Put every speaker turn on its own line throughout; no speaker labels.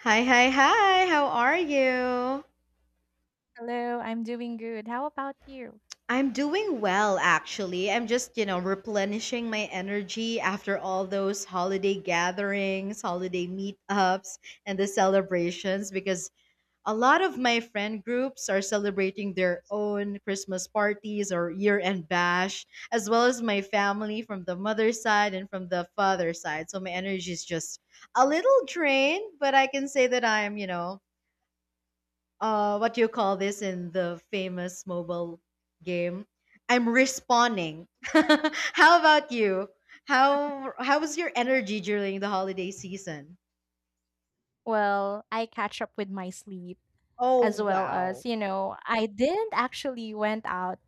Hi, hi, hi. How are you?
Hello, I'm doing good. How about you?
I'm doing well, actually. I'm just, replenishing my energy after all those holiday gatherings, holiday meetups, and the celebrations, because a lot of my friend groups are celebrating their own Christmas parties or year end bash, as well as my family from the mother's side and from the father's side. So my energy is just a little drained, but I can say that I'm, what do you call this in the famous mobile game? I'm respawning. How about you? How was your energy during the holiday season?
Well, I catch up with my sleep
Oh,
as well
wow.
as, you know, I didn't actually went out.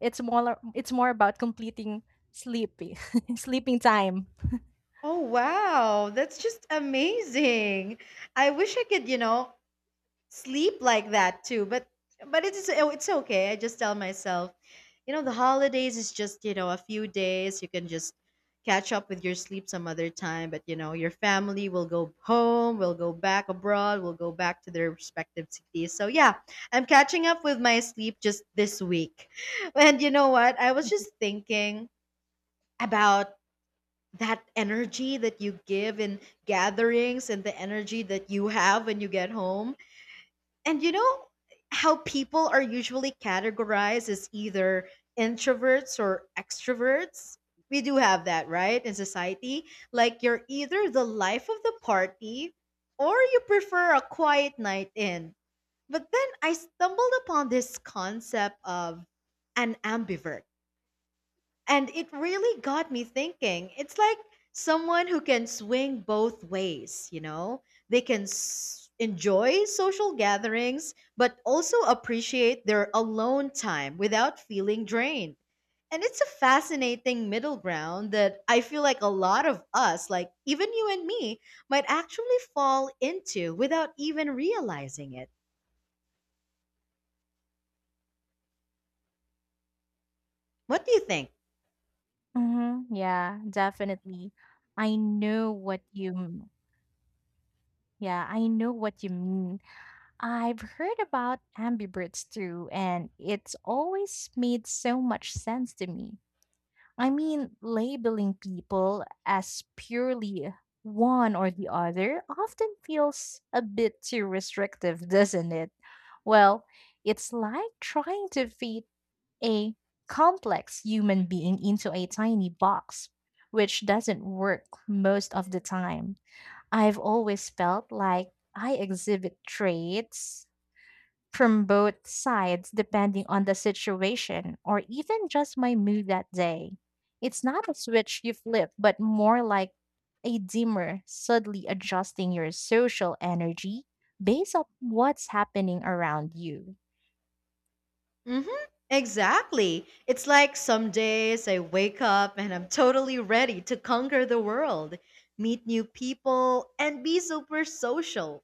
It's more about completing sleepy sleeping time.
Oh, wow, that's just amazing. I wish I could, sleep like that too. But it's okay. I just tell myself, the holidays is just a few days. You can just catch up with your sleep some other time. But your family will go home, will go back abroad, will go back to their respective cities, so yeah, I'm catching up with my sleep just this week. And you know what, I was just thinking about that energy that you give in gatherings and the energy that you have when you get home. And you know how people are usually categorized as either introverts or extroverts. We do have that, right, in society. Like, you're either the life of the party or you prefer a quiet night in. But then I stumbled upon this concept of an ambivert, and it really got me thinking. It's like someone who can swing both ways, you know? They can enjoy social gatherings, but also appreciate their alone time without feeling drained. And it's a fascinating middle ground that I feel like a lot of us, like even you and me, might actually fall into without even realizing it. What do you think?
Hmm. Yeah, definitely. I know what you m- yeah, I know what you mean. I've heard about ambiverts too, and it's always made so much sense to me. I mean, labeling people as purely one or the other often feels a bit too restrictive, doesn't it? Well, it's like trying to fit a complex human being into a tiny box, which doesn't work most of the time. I've always felt like I exhibit traits from both sides depending on the situation or even just my mood that day. It's not a switch you flip, but more like a dimmer, subtly adjusting your social energy based on what's happening around you.
Hmm. Exactly. It's like some days I wake up and I'm totally ready to conquer the world, meet new people, and be super social.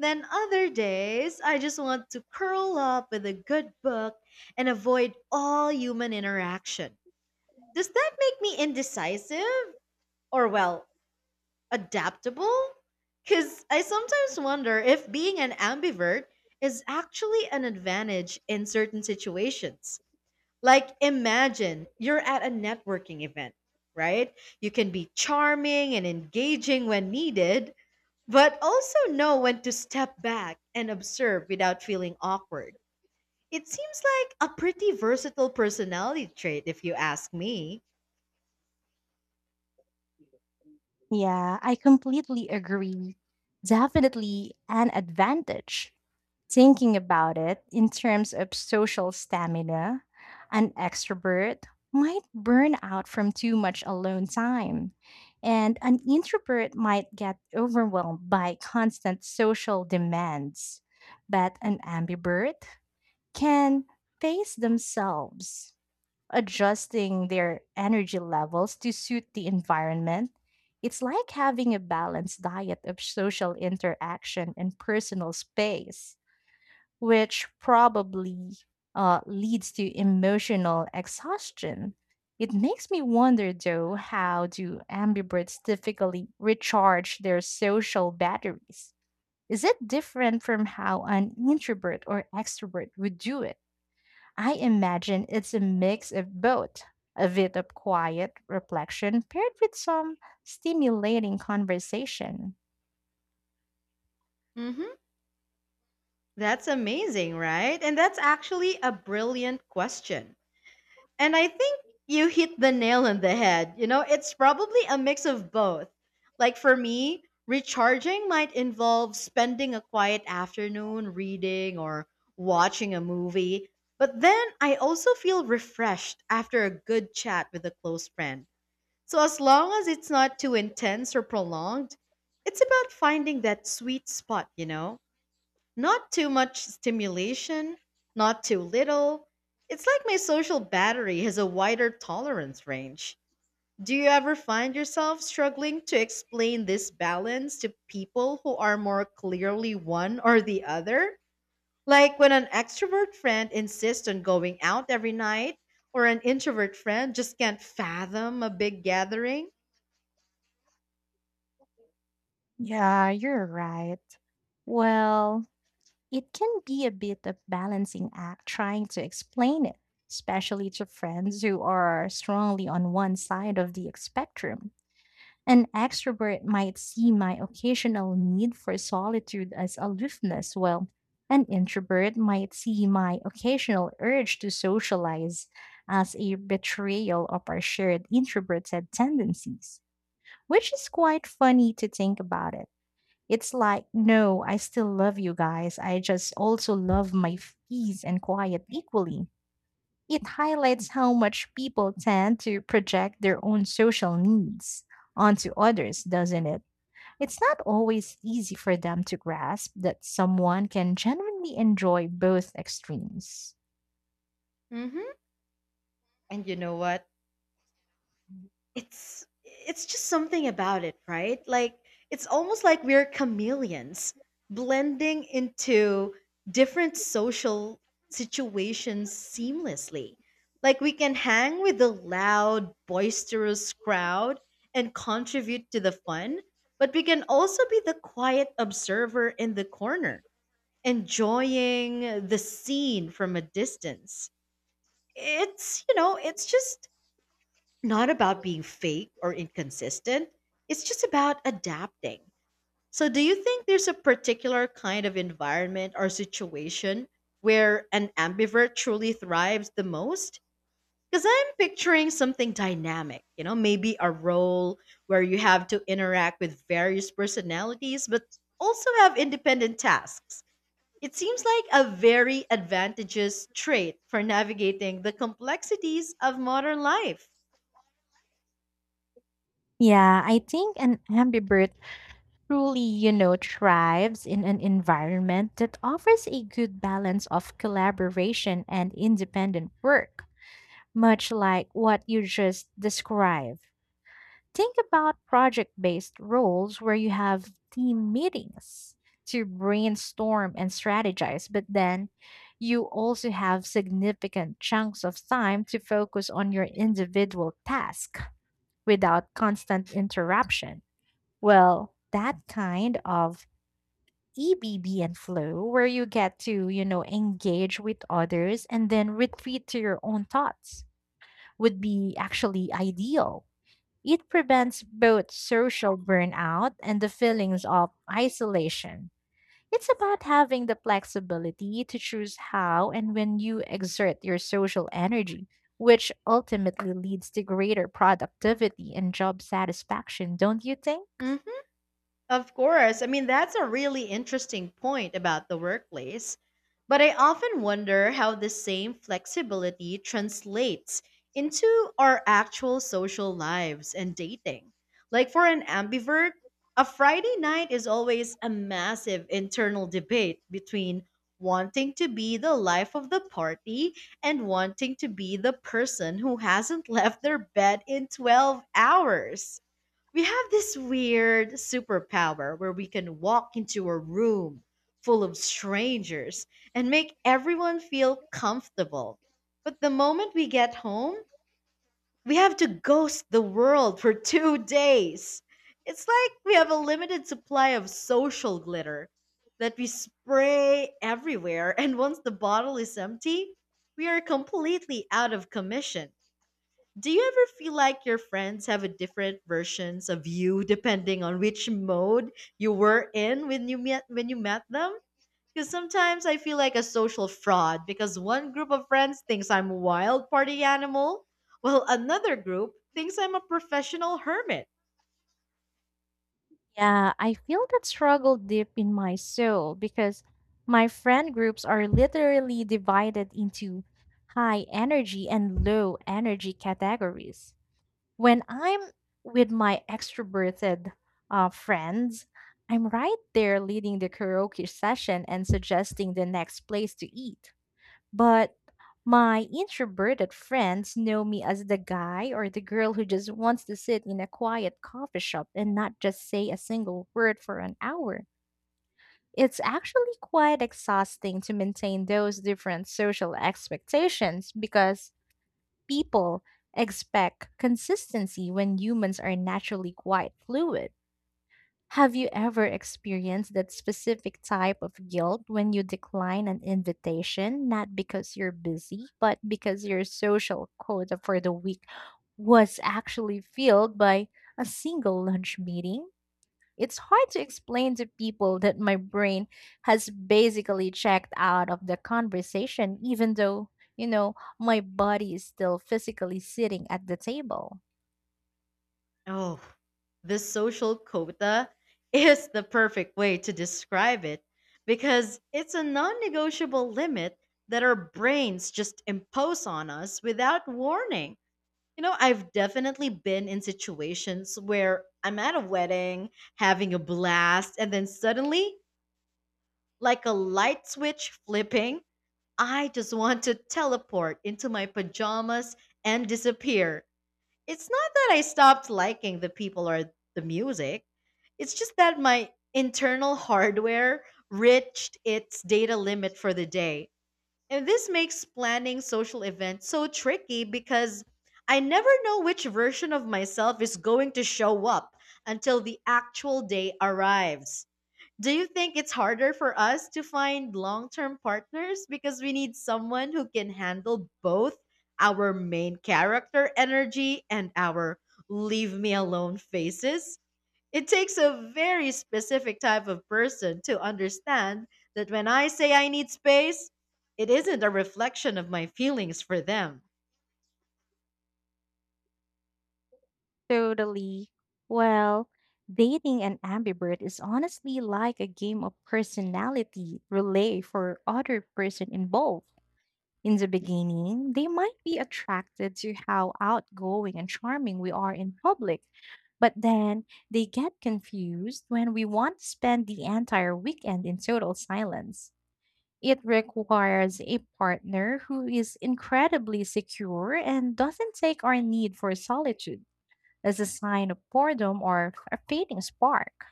Then other days I just want to curl up with a good book and avoid all human interaction. Does that make me indecisive? Or, well, adaptable? Because I sometimes wonder if being an ambivert is actually an advantage in certain situations. Like, imagine you're at a networking event, right? You can be charming and engaging when needed, but also know when to step back and observe without feeling awkward. It seems like a pretty versatile personality trait, if you ask me.
Yeah, I completely agree. Definitely an advantage. Thinking about it in terms of social stamina, an extrovert might burn out from too much alone time, and an introvert might get overwhelmed by constant social demands. But an ambivert can pace themselves, adjusting their energy levels to suit the environment. It's like having a balanced diet of social interaction and personal space, which probably leads to emotional exhaustion. It makes me wonder, though, how do ambiverts typically recharge their social batteries? Is it different from how an introvert or extrovert would do it? I imagine it's a mix of both, a bit of quiet reflection paired with some stimulating conversation.
Hmm. That's amazing, right? And that's actually a brilliant question. And I think you hit the nail on the head. You know, it's probably a mix of both. Like for me, recharging might involve spending a quiet afternoon reading or watching a movie. But then I also feel refreshed after a good chat with a close friend. So as long as it's not too intense or prolonged, it's about finding that sweet spot, you know? Not too much stimulation, not too little. It's like my social battery has a wider tolerance range. Do you ever find yourself struggling to explain this balance to people who are more clearly one or the other? Like when an extrovert friend insists on going out every night, or an introvert friend just can't fathom a big gathering?
Yeah, you're right. Well, it can be a bit of balancing act trying to explain it, especially to friends who are strongly on one side of the spectrum. An extrovert might see my occasional need for solitude as aloofness, while an introvert might see my occasional urge to socialize as a betrayal of our shared introverted tendencies, which is quite funny to think about it. It's like, no, I still love you guys. I just also love my peace and quiet equally. It highlights how much people tend to project their own social needs onto others, doesn't it? It's not always easy for them to grasp that someone can genuinely enjoy both extremes.
Hmm. And you know what? It's just something about it, right? Like, it's almost like we're chameleons, blending into different social situations seamlessly. Like, we can hang with the loud boisterous crowd and contribute to the fun, but we can also be the quiet observer in the corner, enjoying the scene from a distance. It's you know it's just not about being fake or inconsistent. It's just about adapting. So, do you think there's a particular kind of environment or situation where an ambivert truly thrives the most? Because I'm picturing something dynamic, you know, maybe a role where you have to interact with various personalities, but also have independent tasks. It seems like a very advantageous trait for navigating the complexities of modern life.
Yeah, I think an ambivert truly, you know, thrives in an environment that offers a good balance of collaboration and independent work, much like what you just described. Think about project based roles where you have team meetings to brainstorm and strategize, but then you also have significant chunks of time to focus on your individual task without constant interruption. Well, that kind of EBB and flow, where you get to, you know, engage with others and then retreat to your own thoughts, would be actually ideal. It prevents both social burnout and the feelings of isolation. It's about having the flexibility to choose how and when you exert your social energy, which ultimately leads to greater productivity and job satisfaction, don't you think?
Hmm. Of course. I mean, that's a really interesting point about the workplace. But I often wonder how the same flexibility translates into our actual social lives and dating. Like for an ambivert, a Friday night is always a massive internal debate between wanting to be the life of the party and wanting to be the person who hasn't left their bed in 12 hours. We have this weird superpower where we can walk into a room full of strangers and make everyone feel comfortable. But the moment we get home, we have to ghost the world for 2 days. It's like we have a limited supply of social glitter that we spray everywhere, and once the bottle is empty, we are completely out of commission. Do you ever feel like your friends have a different versions of you depending on which mode you were in when you met them? Because sometimes I feel like a social fraud, because one group of friends thinks I'm a wild party animal, while another group thinks I'm a professional hermit.
Yeah, I feel that struggle deep in my soul because my friend groups are literally divided into high energy and low energy categories. When I'm with my extroverted friends, I'm right there leading the karaoke session and suggesting the next place to eat. But my introverted friends know me as the guy or the girl who just wants to sit in a quiet coffee shop and not just say a single word for an hour. It's actually quite exhausting to maintain those different social expectations because people expect consistency when humans are naturally quite fluid. Have you ever experienced that specific type of guilt when you decline an invitation, not because you're busy, but because your social quota for the week was actually filled by a single lunch meeting? It's hard to explain to people that my brain has basically checked out of the conversation, even though, you know, my body is still physically sitting at the table.
Oh, this social quota is the perfect way to describe it, because it's a non-negotiable limit that our brains just impose on us without warning. You know, I've definitely been in situations where I'm at a wedding, having a blast, and then suddenly, like a light switch flipping, I just want to teleport into my pajamas and disappear. It's not that I stopped liking the people or the music, it's just that my internal hardware reached its data limit for the day. And this makes planning social events so tricky, because I never know which version of myself is going to show up until the actual day arrives. Do you think it's harder for us to find long term partners, because we need someone who can handle both our main character energy and our leave me alone faces? It takes a very specific type of person to understand that when I say I need space, it isn't a reflection of my feelings for them.
Totally. Well, dating an ambivert is honestly like a game of personality relay for other person involved. In the beginning, they might be attracted to how outgoing and charming we are in public, but then they get confused when we want to spend the entire weekend in total silence. It requires a partner who is incredibly secure and doesn't take our need for solitude as a sign of boredom or a fading spark.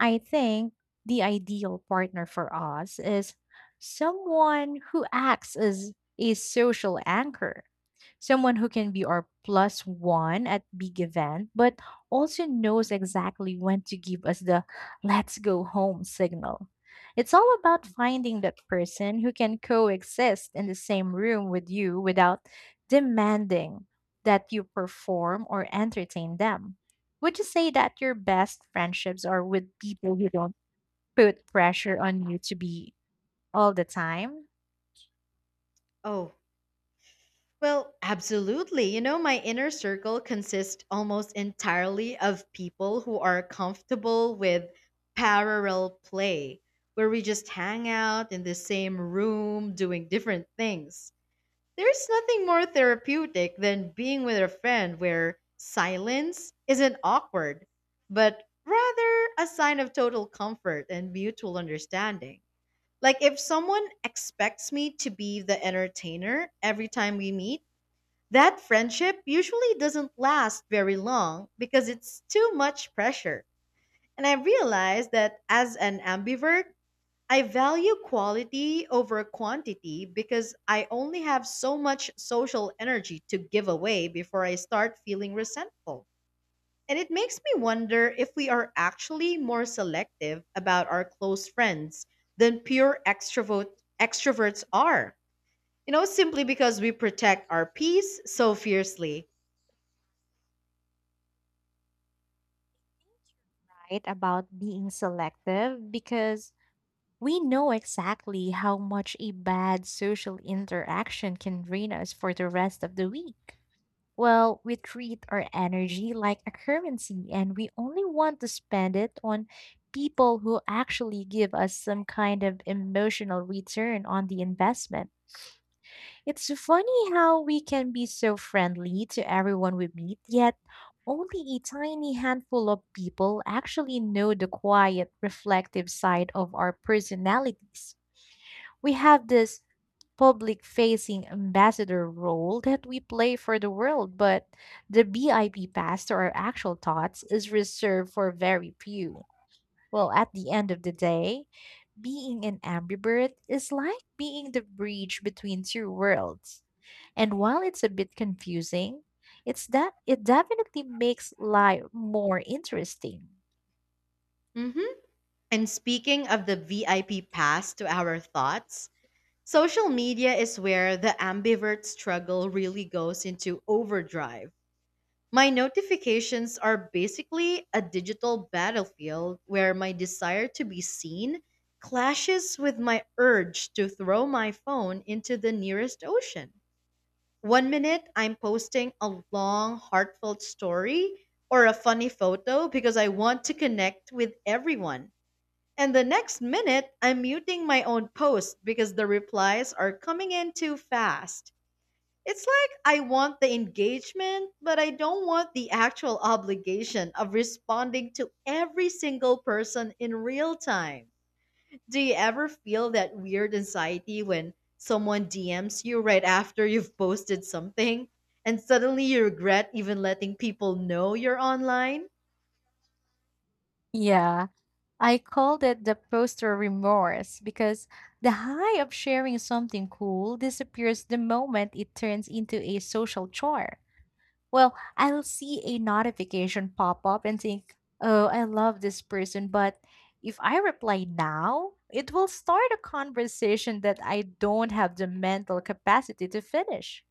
I think the ideal partner for us is someone who acts as a social anchor, someone who can be our plus one at big event, but also knows exactly when to give us the let's go home signal. It's all about finding that person who can coexist in the same room with you without demanding that you perform or entertain them. Would you say that your best friendships are with people who don't put pressure on you to be all the time?
Oh, well, absolutely. You know, my inner circle consists almost entirely of people who are comfortable with parallel play, where we just hang out in the same room doing different things. There's nothing more therapeutic than being with a friend where silence isn't awkward, but rather a sign of total comfort and mutual understanding. Like, if someone expects me to be the entertainer every time we meet, that friendship usually doesn't last very long, because it's too much pressure. And I realized that as an ambivert, I value quality over quantity, because I only have so much social energy to give away before I start feeling resentful. And it makes me wonder if we are actually more selective about our close friends than pure extroverts are. You know, simply because we protect our peace so fiercely.
Right? About being selective because we know exactly how much a bad social interaction can drain us for the rest of the week. Well, we treat our energy like a currency and we only want to spend it on people who actually give us some kind of emotional return on the investment. It's funny how we can be so friendly to everyone we meet, yet only a tiny handful of people actually know the quiet, reflective side of our personalities. We have this public facing ambassador role that we play for the world, but the BIP pass to our actual thoughts is reserved for very few. Well, at the end of the day, being an ambivert is like being the bridge between two worlds, and while it's a bit confusing, it's that it definitely makes life more interesting.
Hmm. And speaking of the VIP pass to our thoughts, social media is where the ambivert struggle really goes into overdrive. My notifications are basically a digital battlefield, where my desire to be seen clashes with my urge to throw my phone into the nearest ocean. One minute, I'm posting a long, heartfelt story or a funny photo because I want to connect with everyone. And the next minute, I'm muting my own post because the replies are coming in too fast. It's like I want the engagement, but I don't want the actual obligation of responding to every single person in real time. Do you ever feel that weird anxiety when someone DMs you right after you've posted something, and suddenly you regret even letting people know you're online?
Yeah, I called it the poster remorse because the high of sharing something cool disappears the moment it turns into a social chore. Well, I'll see a notification pop up and think, oh, I love this person, but if I reply now, it will start a conversation that I don't have the mental capacity to finish.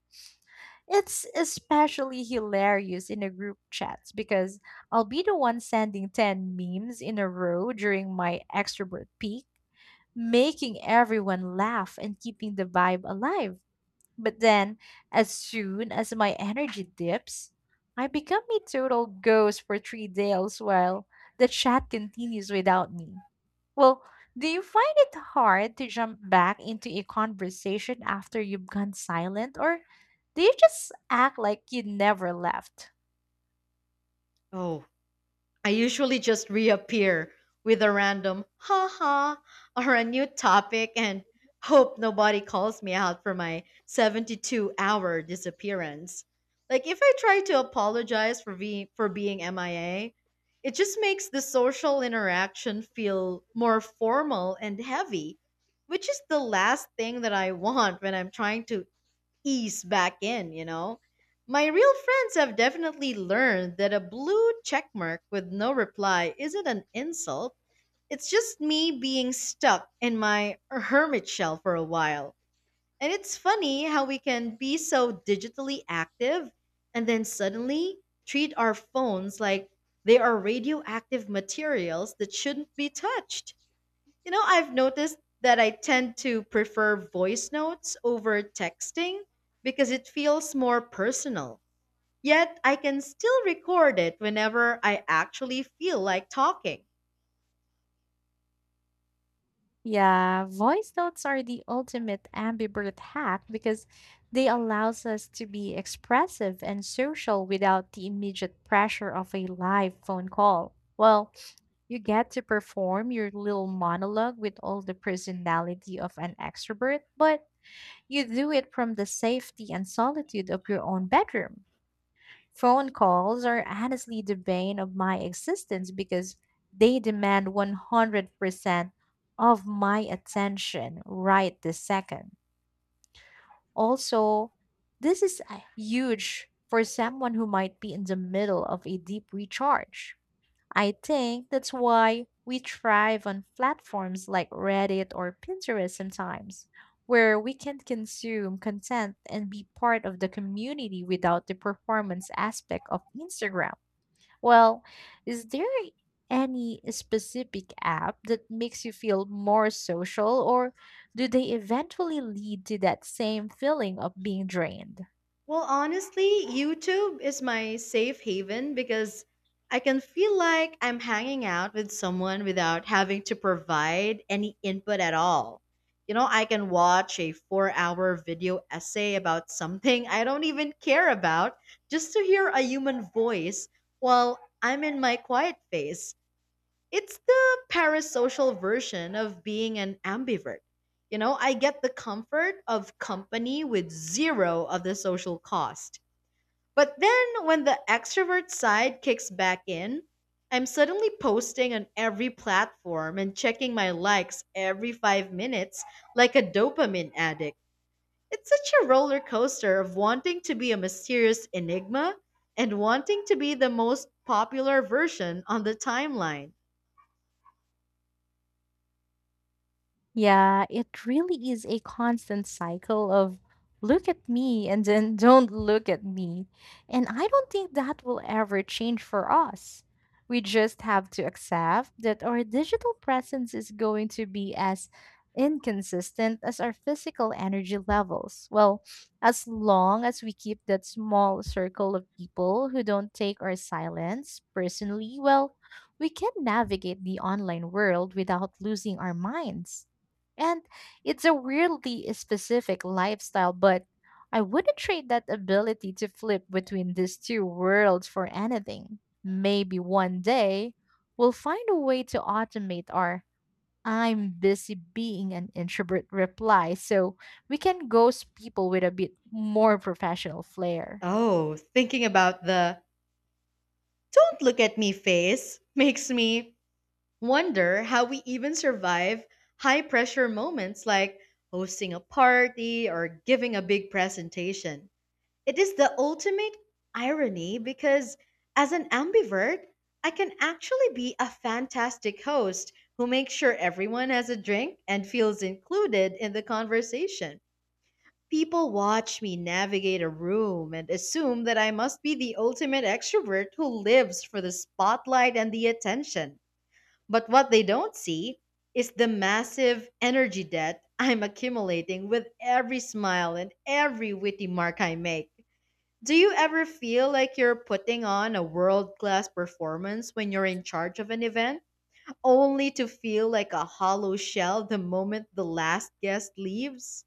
It's especially hilarious in a group chats because I'll be the one sending 10 memes in a row during my extrovert peak, making everyone laugh and keeping the vibe alive. But then, as soon as my energy dips, I become a total ghost for 3 days while the chat continues without me. Well, do you find it hard to jump back into a conversation after you've gone silent, or do you just act like you never left?
Oh, I usually just reappear with a random ha ha or a new topic, and hope nobody calls me out for my 72-hour disappearance. Like, if I try to apologize for being MIA, it just makes the social interaction feel more formal and heavy, which is the last thing that I want when I'm trying to ease back in, you know? My real friends have definitely learned that a blue checkmark with no reply isn't an insult. It's just me being stuck in my hermit shell for a while. And it's funny how we can be so digitally active and then suddenly treat our phones like they are radioactive materials that shouldn't be touched. You know, I've noticed that I tend to prefer voice notes over texting because it feels more personal. Yet I can still record it whenever I actually feel like talking.
Yeah, voice notes are the ultimate ambivert hack because they allows us to be expressive and social without the immediate pressure of a live phone call. Well, you get to perform your little monologue with all the personality of an extrovert, but you do it from the safety and solitude of your own bedroom. Phone calls are honestly the bane of my existence because they demand 100% of my attention right this second. Also, this is a huge for someone who might be in the middle of a deep recharge. I think that's why we thrive on platforms like Reddit or Pinterest sometimes, where we can consume content and be part of the community without the performance aspect of Instagram. Well, is there any specific app that makes you feel more social, or do they eventually lead to that same feeling of being drained?
Well, honestly, YouTube is my safe haven, because I can feel like I'm hanging out with someone without having to provide any input at all. You know, I can watch a 4-hour video essay about something I don't even care about, just to hear a human voice while I'm in my quiet phase. It's the parasocial version of being an ambivert. You know, I get the comfort of company with zero of the social cost. But then when the extrovert side kicks back in, I'm suddenly posting on every platform and checking my likes every 5 minutes like a dopamine addict. It's such a roller coaster of wanting to be a mysterious enigma and wanting to be the most popular version on the timeline.
Yeah, it really is a constant cycle of look at me and then don't look at me. And I don't think that will ever change for us. We just have to accept that our digital presence is going to be as inconsistent as our physical energy levels. Well, as long as we keep that small circle of people who don't take our silence personally, well, we can navigate the online world without losing our minds. And it's a weirdly specific lifestyle, but I wouldn't trade that ability to flip between these two worlds for anything. Maybe one day we'll find a way to automate our I'm busy being an introvert reply so we can ghost people with a bit more professional flair.
Oh, thinking about the don't look at me face makes me wonder how we even survive high pressure moments like hosting a party or giving a big presentation. It is the ultimate irony because, as an ambivert, I can actually be a fantastic host who makes sure everyone has a drink and feels included in the conversation. People watch me navigate a room and assume that I must be the ultimate extrovert who lives for the spotlight and the attention. But what they don't see is the massive energy debt I'm accumulating with every smile and every witty mark I make. Do you ever feel like you're putting on a world class performance when you're in charge of an event, only to feel like a hollow shell the moment the last guest leaves?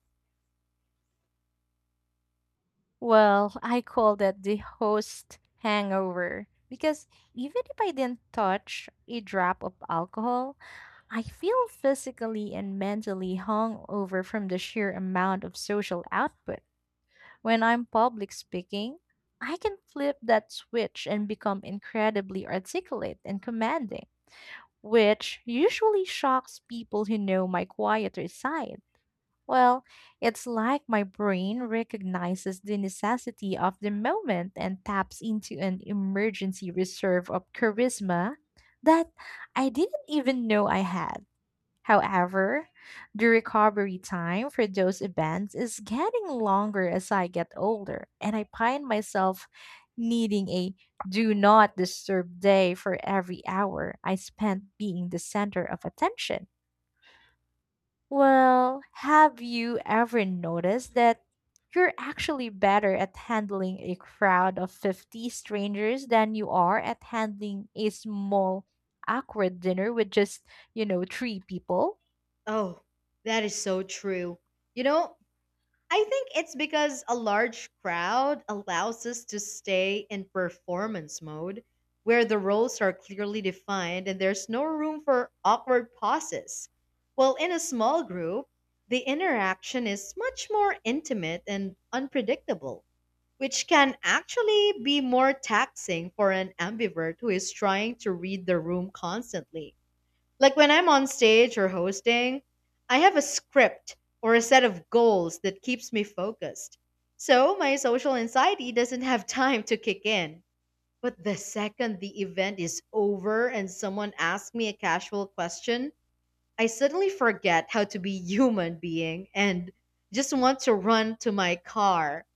Well, I call that the host hangover because even if I didn't touch a drop of alcohol, I feel physically and mentally hung over from the sheer amount of social output. When I'm public speaking, I can flip that switch and become incredibly articulate and commanding, which usually shocks people who know my quieter side. Well, it's like my brain recognizes the necessity of the moment and taps into an emergency reserve of charisma that I didn't even know I had. However, the recovery time for those events is getting longer as I get older, and I find myself needing a do not disturb day for every hour I spent being the center of attention. Well, have you ever noticed that you're actually better at handling a crowd of 50 strangers than you are at handling a small, awkward dinner with just, you know, three people?
Oh, that is so true. You know, I think it's because a large crowd allows us to stay in performance mode where the roles are clearly defined and there's no room for awkward pauses. While in a small group, the interaction is much more intimate and unpredictable, which can actually be more taxing for an ambivert who is trying to read the room constantly. Like when I'm on stage or hosting, I have a script or a set of goals that keeps me focused, so my social anxiety doesn't have time to kick in. But the second the event is over and someone asks me a casual question, I suddenly forget how to be human being and just want to run to my car.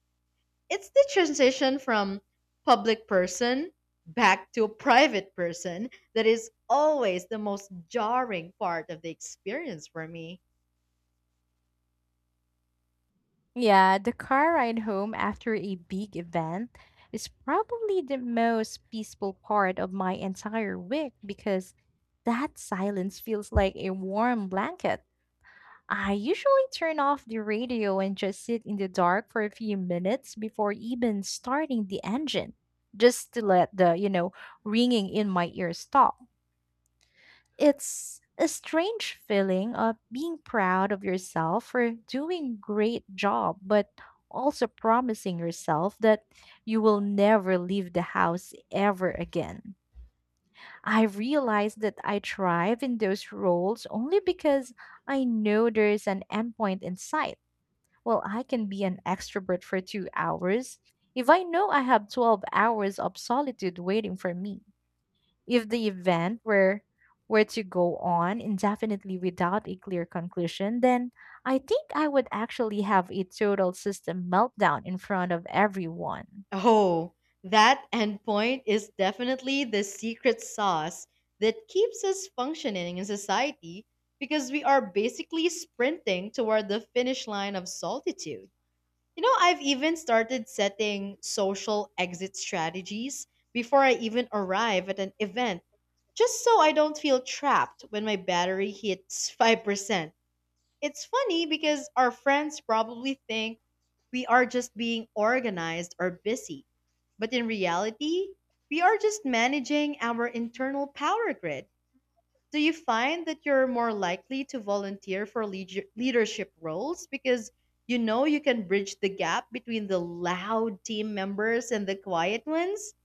It's the transition from public person back to a private person that is always the most jarring part of the experience for me.
Yeah, the car ride home after a big event is probably the most peaceful part of my entire week because that silence feels like a warm blanket. I usually turn off the radio and just sit in the dark for a few minutes before even starting the engine, just to let the, you know, ringing in my ears stop. It's a strange feeling of being proud of yourself for doing great job, but also promising yourself that you will never leave the house ever again. I realized that I thrive in those roles only because I know there's an endpoint in sight. Well, I can be an extrovert for 2 hours if I know I have 12 hours of solitude waiting for me. If the event were to go on indefinitely without a clear conclusion, then I think I would actually have a total system meltdown in front of everyone.
Oh, that endpoint is definitely the secret sauce that keeps us functioning in society, because we are basically sprinting toward the finish line of solitude. You know, I've even started setting social exit strategies before I even arrive at an event, just so I don't feel trapped when my battery hits 5%. It's funny because our friends probably think we are just being organized or busy, but in reality, we are just managing our internal power grid. Do you find that you're more likely to volunteer for leadership roles because you know you can bridge the gap between the loud team members and the quiet ones?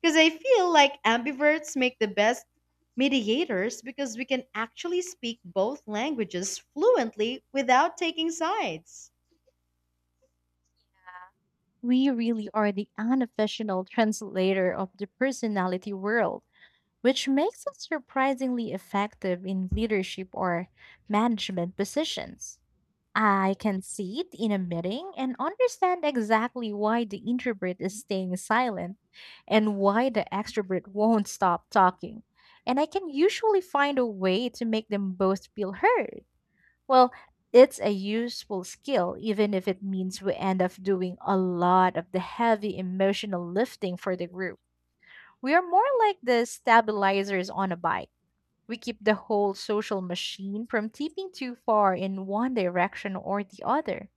Because I feel like ambiverts make the best mediators, because we can actually speak both languages fluently without taking sides.
We really are the unofficial translator of the personality world, which makes us surprisingly effective in leadership or management positions. I can see it in a meeting and understand exactly why the introvert is staying silent and why the extrovert won't stop talking. And I can usually find a way to make them both feel heard. Well, it's a useful skill, even if it means we end up doing a lot of the heavy emotional lifting for the group. We are more like the stabilizers on a bike. We keep the whole social machine from tipping too far in one direction or the other.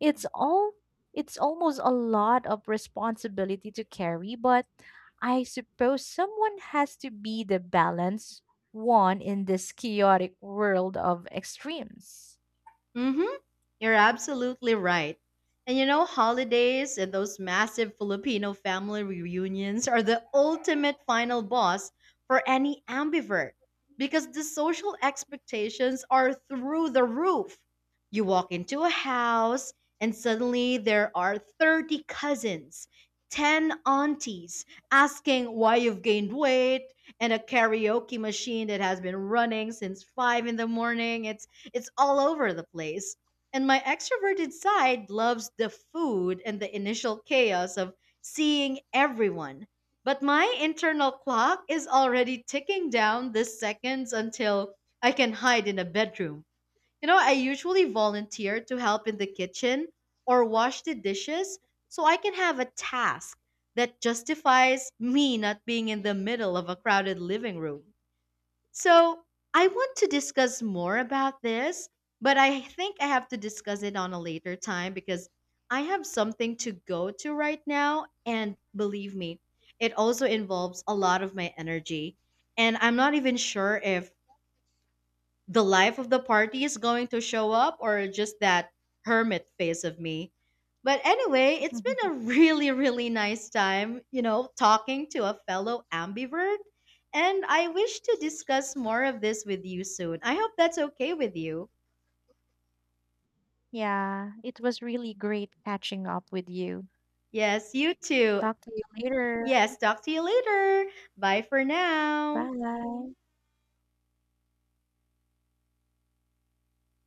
It's all it's almost a lot of responsibility to carry, but I suppose someone has to be the balance one in this chaotic world of extremes.
Mm hmm. You're absolutely right. And you know, holidays and those massive Filipino family reunions are the ultimate final boss for any ambivert, because the social expectations are through the roof. You walk into a house and suddenly there are 30 cousins, 10 aunties asking why you've gained weight, and a karaoke machine that has been running since 5 in the morning. It's all over the place. And my extroverted side loves the food and the initial chaos of seeing everyone. But my internal clock is already ticking down the seconds until I can hide in a bedroom. You know, I usually volunteer to help in the kitchen or wash the dishes so I can have a task that justifies me not being in the middle of a crowded living room. So, I want to discuss more about this, but I think I have to discuss it on a later time because I have something to go to right now. And believe me, it also involves a lot of my energy. And I'm not even sure if the life of the party is going to show up or just that hermit face of me. But anyway, it's been a really, really nice time, you know, talking to a fellow ambivert. And I wish to discuss more of this with you soon. I hope that's okay with you.
Yeah, it was really great catching up with you.
Yes, you too.
Talk to you later.
Yes, talk to you later. Bye for now.
Bye.